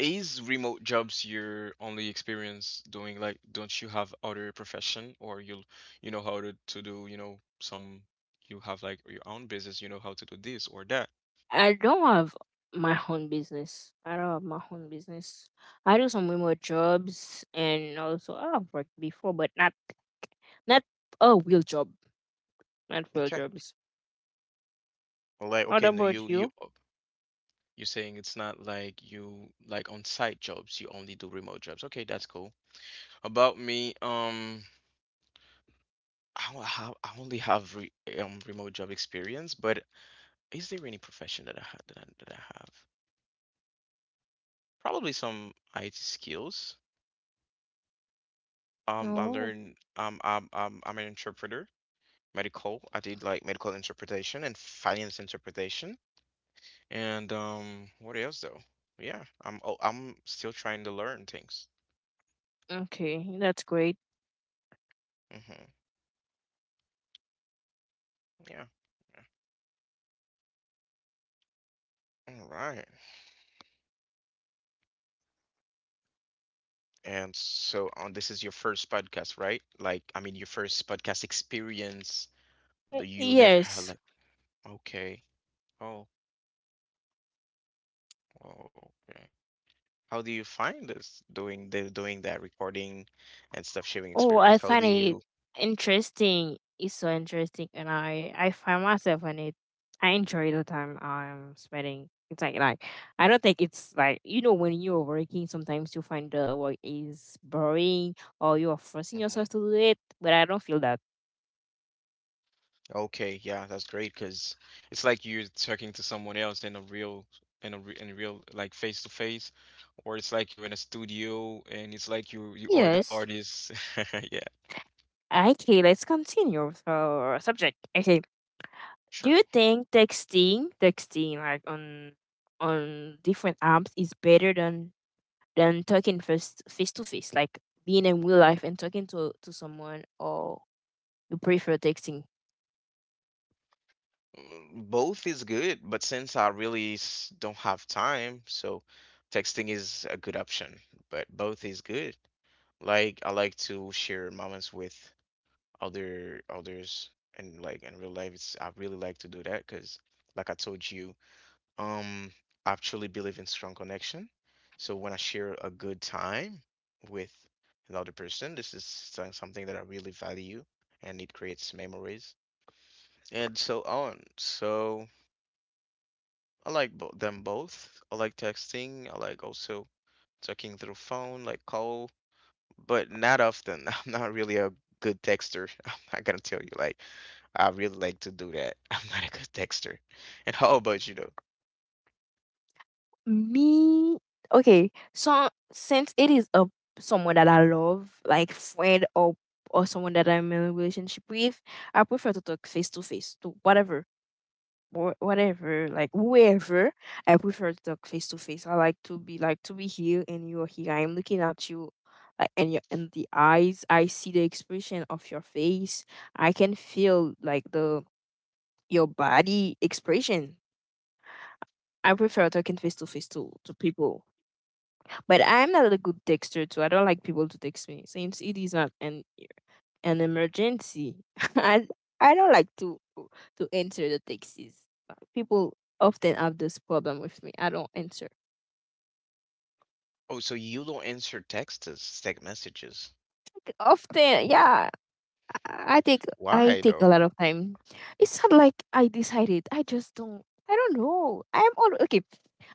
Speaker 1: is remote jobs your only experience, doing, like, don't you have other profession, or you'll, you know how to, to do, you know, some, you have like your own business, you know how to do this or that.
Speaker 2: I don't have my own business. I don't have my own business. I do some remote jobs and also I've worked before, but not not a real job, not real
Speaker 1: Okay.
Speaker 2: jobs.
Speaker 1: Well, like,
Speaker 2: What
Speaker 1: okay, no,
Speaker 2: about
Speaker 1: you you,
Speaker 2: you?
Speaker 1: oh, you're saying it's not like, you like on site jobs, you only do remote jobs. Okay, that's cool. About me, um I don't have, I only have re um remote job experience, but is there any profession that I had, that I, that I have? Probably some I T skills. Um, I
Speaker 2: Oh,
Speaker 1: learned, um, um, um, I'm an interpreter, medical. I did, like, medical interpretation and finance interpretation. And um, what else though? Yeah, I'm oh, I'm still trying to learn things.
Speaker 2: okay, that's great.
Speaker 1: Hmm. Yeah. All right. And so on, this is your first podcast, right? Like, I mean, your first podcast experience
Speaker 2: Uh,
Speaker 1: that you never had.
Speaker 2: Yes.
Speaker 1: Like, okay. Oh, oh, okay. How do you find this, doing the, doing that recording and stuff, sharing
Speaker 2: Oh,
Speaker 1: experience?
Speaker 2: I
Speaker 1: How do
Speaker 2: find
Speaker 1: you?
Speaker 2: it interesting. It's so interesting, and I I find myself in it. I enjoy the time I'm spending. It's like like I don't think it's like, you know, when you're working sometimes you find the work is boring or you are forcing
Speaker 1: Mm-hmm.
Speaker 2: yourself to do it, but I don't feel that.
Speaker 1: Okay, yeah, that's great because it's like you're talking to someone else in a real, in a re in a real, like, face to face, or it's like you're in a studio and it's like you you are the
Speaker 2: Yes.
Speaker 1: artist. Yeah,
Speaker 2: Okay, let's continue with our subject. Okay, do
Speaker 1: sure.
Speaker 2: you think texting texting like on on different apps is better than than talking first face to face, like being in real life and talking to to someone, or you prefer texting?
Speaker 1: Mm, both is good, but since I really, s- don't have time, so texting is a good option. But both is good. Like, I like to share moments with other others, and like in real life, it's, I really like to do that because, like I told you. Um, I truly believe in strong connection. So when I share a good time with another person, this is so- something that I really value, and it creates memories and so on. So I like bo them both. I like texting. I like also talking through phone, like, call, but not often. I'm not really a good texter. I'm not gonna tell you, like, I really like to do that. I'm not a good texter. And how about you?
Speaker 2: Me, okay. So since it is a someone that I love, like friend or or someone that I'm in a relationship with, I prefer to talk face to face to whatever wh- whatever, like whoever. I prefer to talk face to face. I like to be like to be here and you're here. I'm looking at you, like and you in the eyes. I see the expression of your face. I can feel like the your body expression. I prefer talking face to face to to people, but I'm not a good texter too. I don't like people to text me since it is not an an emergency. I I don't like to to enter the taxis. Uh, People often have this problem with me. I don't enter.
Speaker 1: Oh, so you don't answer texts, text messages.
Speaker 2: Like, often, yeah, I I take I
Speaker 1: Why
Speaker 2: take a
Speaker 1: though?
Speaker 2: lot of time. It's not like I decided. I just don't. I don't know. I'm all okay.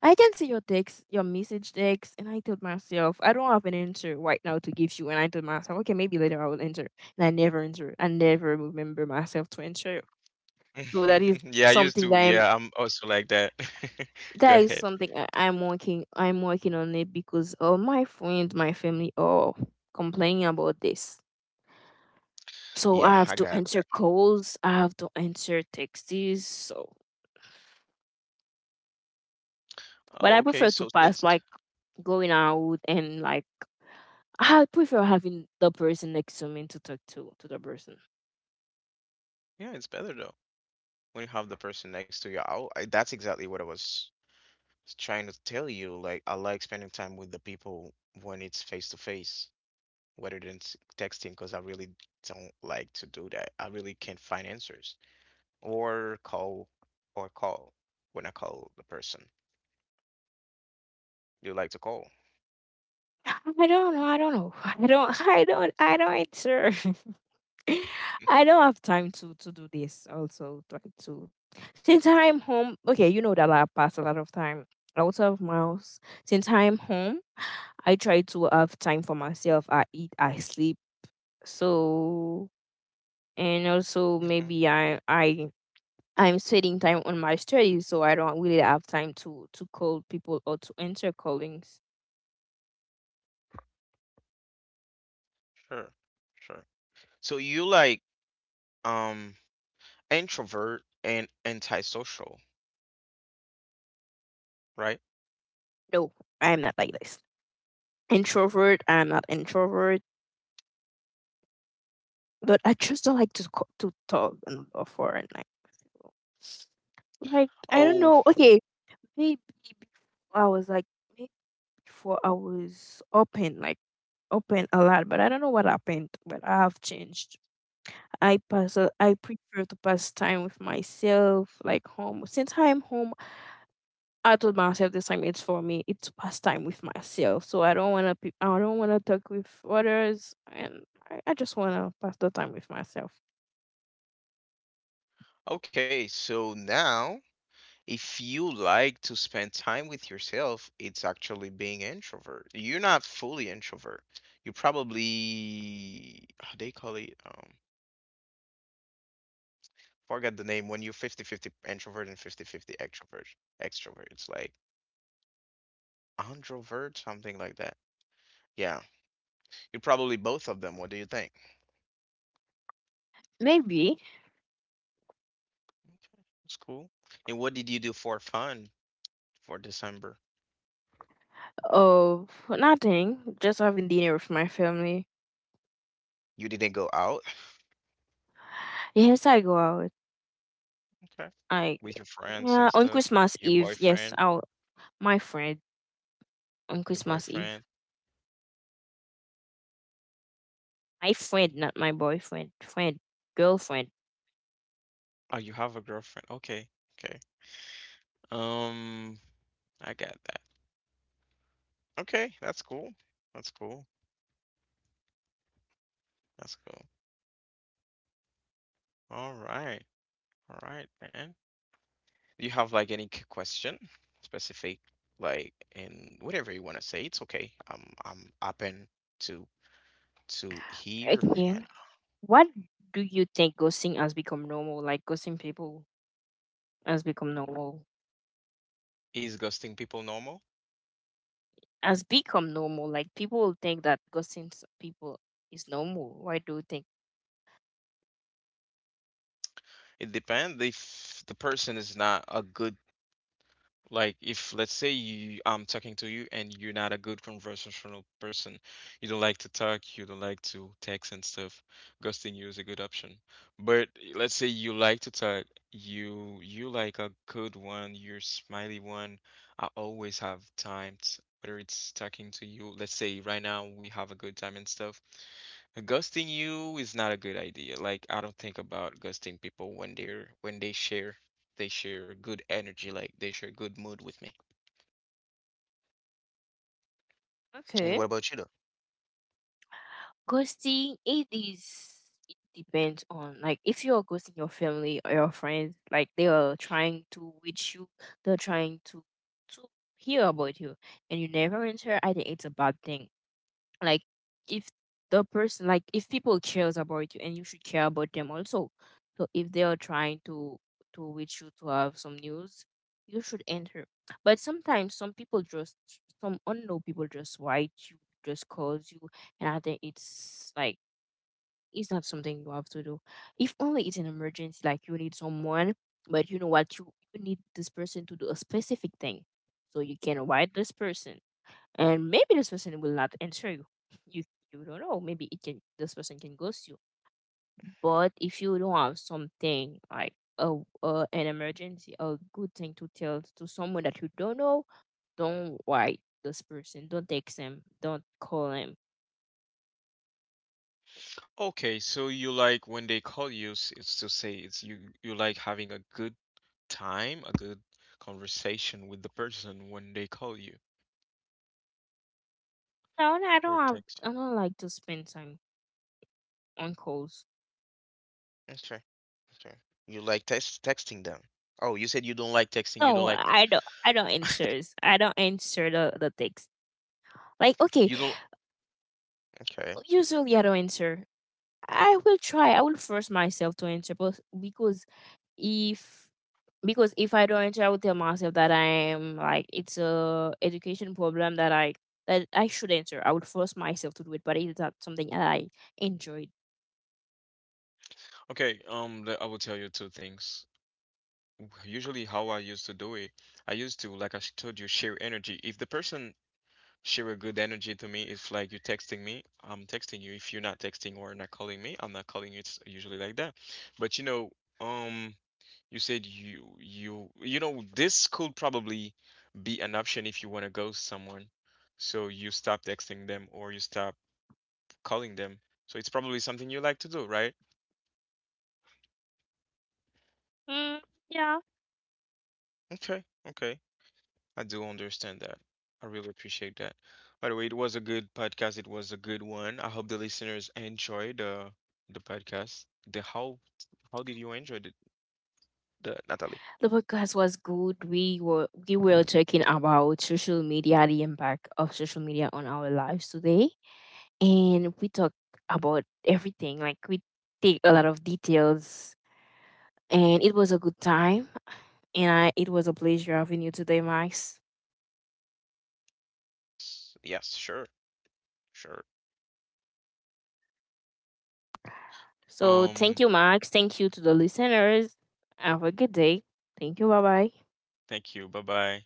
Speaker 2: I can see your text, your message text, and I told myself I don't have an answer right now to give you. And I told myself, okay, maybe later I will enter, and I never enter. I never remember myself to enter. So that is
Speaker 1: Yeah, I used
Speaker 2: something
Speaker 1: to.
Speaker 2: that I'm
Speaker 1: Yeah, I'm also like that. Go
Speaker 2: that is
Speaker 1: ahead.
Speaker 2: something I, I'm working I'm working on it because all my friends, my family are complaining about this. So
Speaker 1: Yeah,
Speaker 2: I have
Speaker 1: I
Speaker 2: to
Speaker 1: got
Speaker 2: answer
Speaker 1: that.
Speaker 2: calls, I have to answer texts. So but I
Speaker 1: Oh,
Speaker 2: prefer
Speaker 1: okay.
Speaker 2: to
Speaker 1: So
Speaker 2: pass
Speaker 1: since
Speaker 2: like going out and like I prefer having the person next to me to talk to to the person.
Speaker 1: Yeah, it's better though when you have the person next to you. I'll, I, that's exactly what I was trying to tell you. Like, I like spending time with the people when it's face to face, rather than s- texting, because I really don't like to do that. I really can't find answers, or call, or call when I call the person. You like to call.
Speaker 2: I don't know, I don't know. I don't I don't I don't answer. I don't have time to to do this. Also, try to since I'm home. Okay, you know that I pass a lot of time out of my house. Since I'm home, I try to have time for myself. I eat, I sleep. So and also
Speaker 1: Mm-hmm.
Speaker 2: maybe I I I'm spending time on my studies, so I don't really have time to to call people or to enter callings.
Speaker 1: Sure, sure. So you like, um introvert and antisocial, right?
Speaker 2: No, I'm not like this. Introvert, I'm not introvert, but I just don't like to co- to talk and for and like like I don't
Speaker 1: Oh,
Speaker 2: know. Okay, maybe before I was like maybe before I was open like open a lot, but I don't know what happened. But I have changed. I pass. uh, I prefer to pass time with myself, like home. Since I'm home, I told myself this time it's for me. It's to pass time with myself. So I don't wanna. Pe- I don't wanna talk with others, and I, I just wanna pass the time with myself.
Speaker 1: okay. So now, if you like to spend time with yourself, it's actually being introvert. You're not fully introvert. You probably, how they call it, um forget the name, when you're fifty fifty introvert and fifty fifty extrovert. Extrovert. It's like androvert, something like that. Yeah. You're probably both of them. What do you think?
Speaker 2: Maybe.
Speaker 1: Okay, that's cool. And what did you do for fun for December?
Speaker 2: Oh, nothing. Just having dinner with my family.
Speaker 1: You didn't go out?
Speaker 2: Yes, I go out.
Speaker 1: Okay.
Speaker 2: I
Speaker 1: With your friends and
Speaker 2: yeah, on
Speaker 1: stuff?
Speaker 2: Christmas
Speaker 1: Your
Speaker 2: Eve. Yes,
Speaker 1: boyfriend?
Speaker 2: out. My friend on
Speaker 1: Your
Speaker 2: Christmas Eve.
Speaker 1: boyfriend?
Speaker 2: My friend, not my boyfriend. Friend, girlfriend.
Speaker 1: Oh, you have a girlfriend. Okay. Okay. Um, I got that. Okay, that's cool. That's cool. That's cool. All right. All right, man. Do you have like any c- question specific, like, in whatever you want to say? It's okay. I'm I'm open to to hear,
Speaker 2: Okay.
Speaker 1: and
Speaker 2: What do you think, ghosting has become normal? Like ghosting people has become normal.
Speaker 1: is ghosting people normal?
Speaker 2: Has become normal. Like people think that ghosting s- people is normal. Why do you think?
Speaker 1: It depends, if the person is not a good, like, if let's say you, I'm talking to you and you're not a good conversational person. You don't like to talk, you don't like to text and stuff. Ghosting you is a good option. But let's say you like to talk, you you like a good one, you're smiley one. I always have time to, whether it's talking to you, let's say right now we have a good time and stuff. Ghosting you is not a good idea. Like, I don't think about ghosting people when they're when they share they share good energy, like they share good mood with me. And what
Speaker 2: Okay.
Speaker 1: about you though?
Speaker 2: Ghosting, it is it depends on, like, if you're ghosting your family or your friends, like they are trying to reach you, they're trying to to hear about you and you never answer, I think it's a bad thing, like if the person, like if people cares about you and you should care about them also, so if they are trying to to reach you to have some news, you should enter. But sometimes some people just some unknown people just write you, just calls you, and I think it's like it's not something you have to do if only it's an emergency, like you need someone, but you know what, you, you need this person to do a specific thing, so you can write this person, and maybe this person will not answer you. You you don't know. Maybe it can this person can ghost you. But if you don't have something like a uh, an emergency, a good thing to tell to someone that you don't know, don't write this person. Don't text him. Don't call him.
Speaker 1: Okay, so you like when they call you, s- it's to say it's, you you like having a good time, a good conversation with the person when they call you
Speaker 2: No, no, I
Speaker 1: or
Speaker 2: don't have.
Speaker 1: text.
Speaker 2: I don't like to spend time on calls.
Speaker 1: Okay. Okay. You like text texting them. Oh, you said you don't like texting. You don't
Speaker 2: No,
Speaker 1: like,
Speaker 2: I don't. I don't answer. I don't answer the the text. Like okay,
Speaker 1: you don't. Okay. You.
Speaker 2: usually I don't answer. I will try. I will force myself to answer, but because if because if I don't, I would tell myself that I am like it's a education problem that I that I should answer. I would force myself to do it, but it's not something that I enjoyed.
Speaker 1: Okay, um, the, I will tell you two things. Usually how I used to do it, I used to, like I sh- told you, share energy. If the person share a good energy to me, it's like you texting me, I'm texting you. If you're not texting or not calling me, I'm not calling you. It's usually like that. But you know, um, you said, you you you know this could probably be an option if you want to ghost someone. So you stop texting them or you stop calling them. So it's probably something you like to do, right?
Speaker 2: Mm, yeah,
Speaker 1: Okay, okay. I do understand that. I really appreciate that. By the way, it was a good podcast. It was a good one. I hope the listeners enjoyed, uh, the podcast. The How, how did you enjoy it, the Natalie?
Speaker 2: the podcast was good. We were we were talking about social media, the impact of social media on our lives today, and we talked about everything. Like we take a lot of details, and it was a good
Speaker 1: Mhm.
Speaker 2: time. And I, it was a pleasure having you today, Max.
Speaker 1: S- Yes, sure, sure.
Speaker 2: So thank
Speaker 1: Um,
Speaker 2: you, Max. Thank you to the listeners. Have a good day. Thank you. Bye bye.
Speaker 1: Thank you. Bye bye.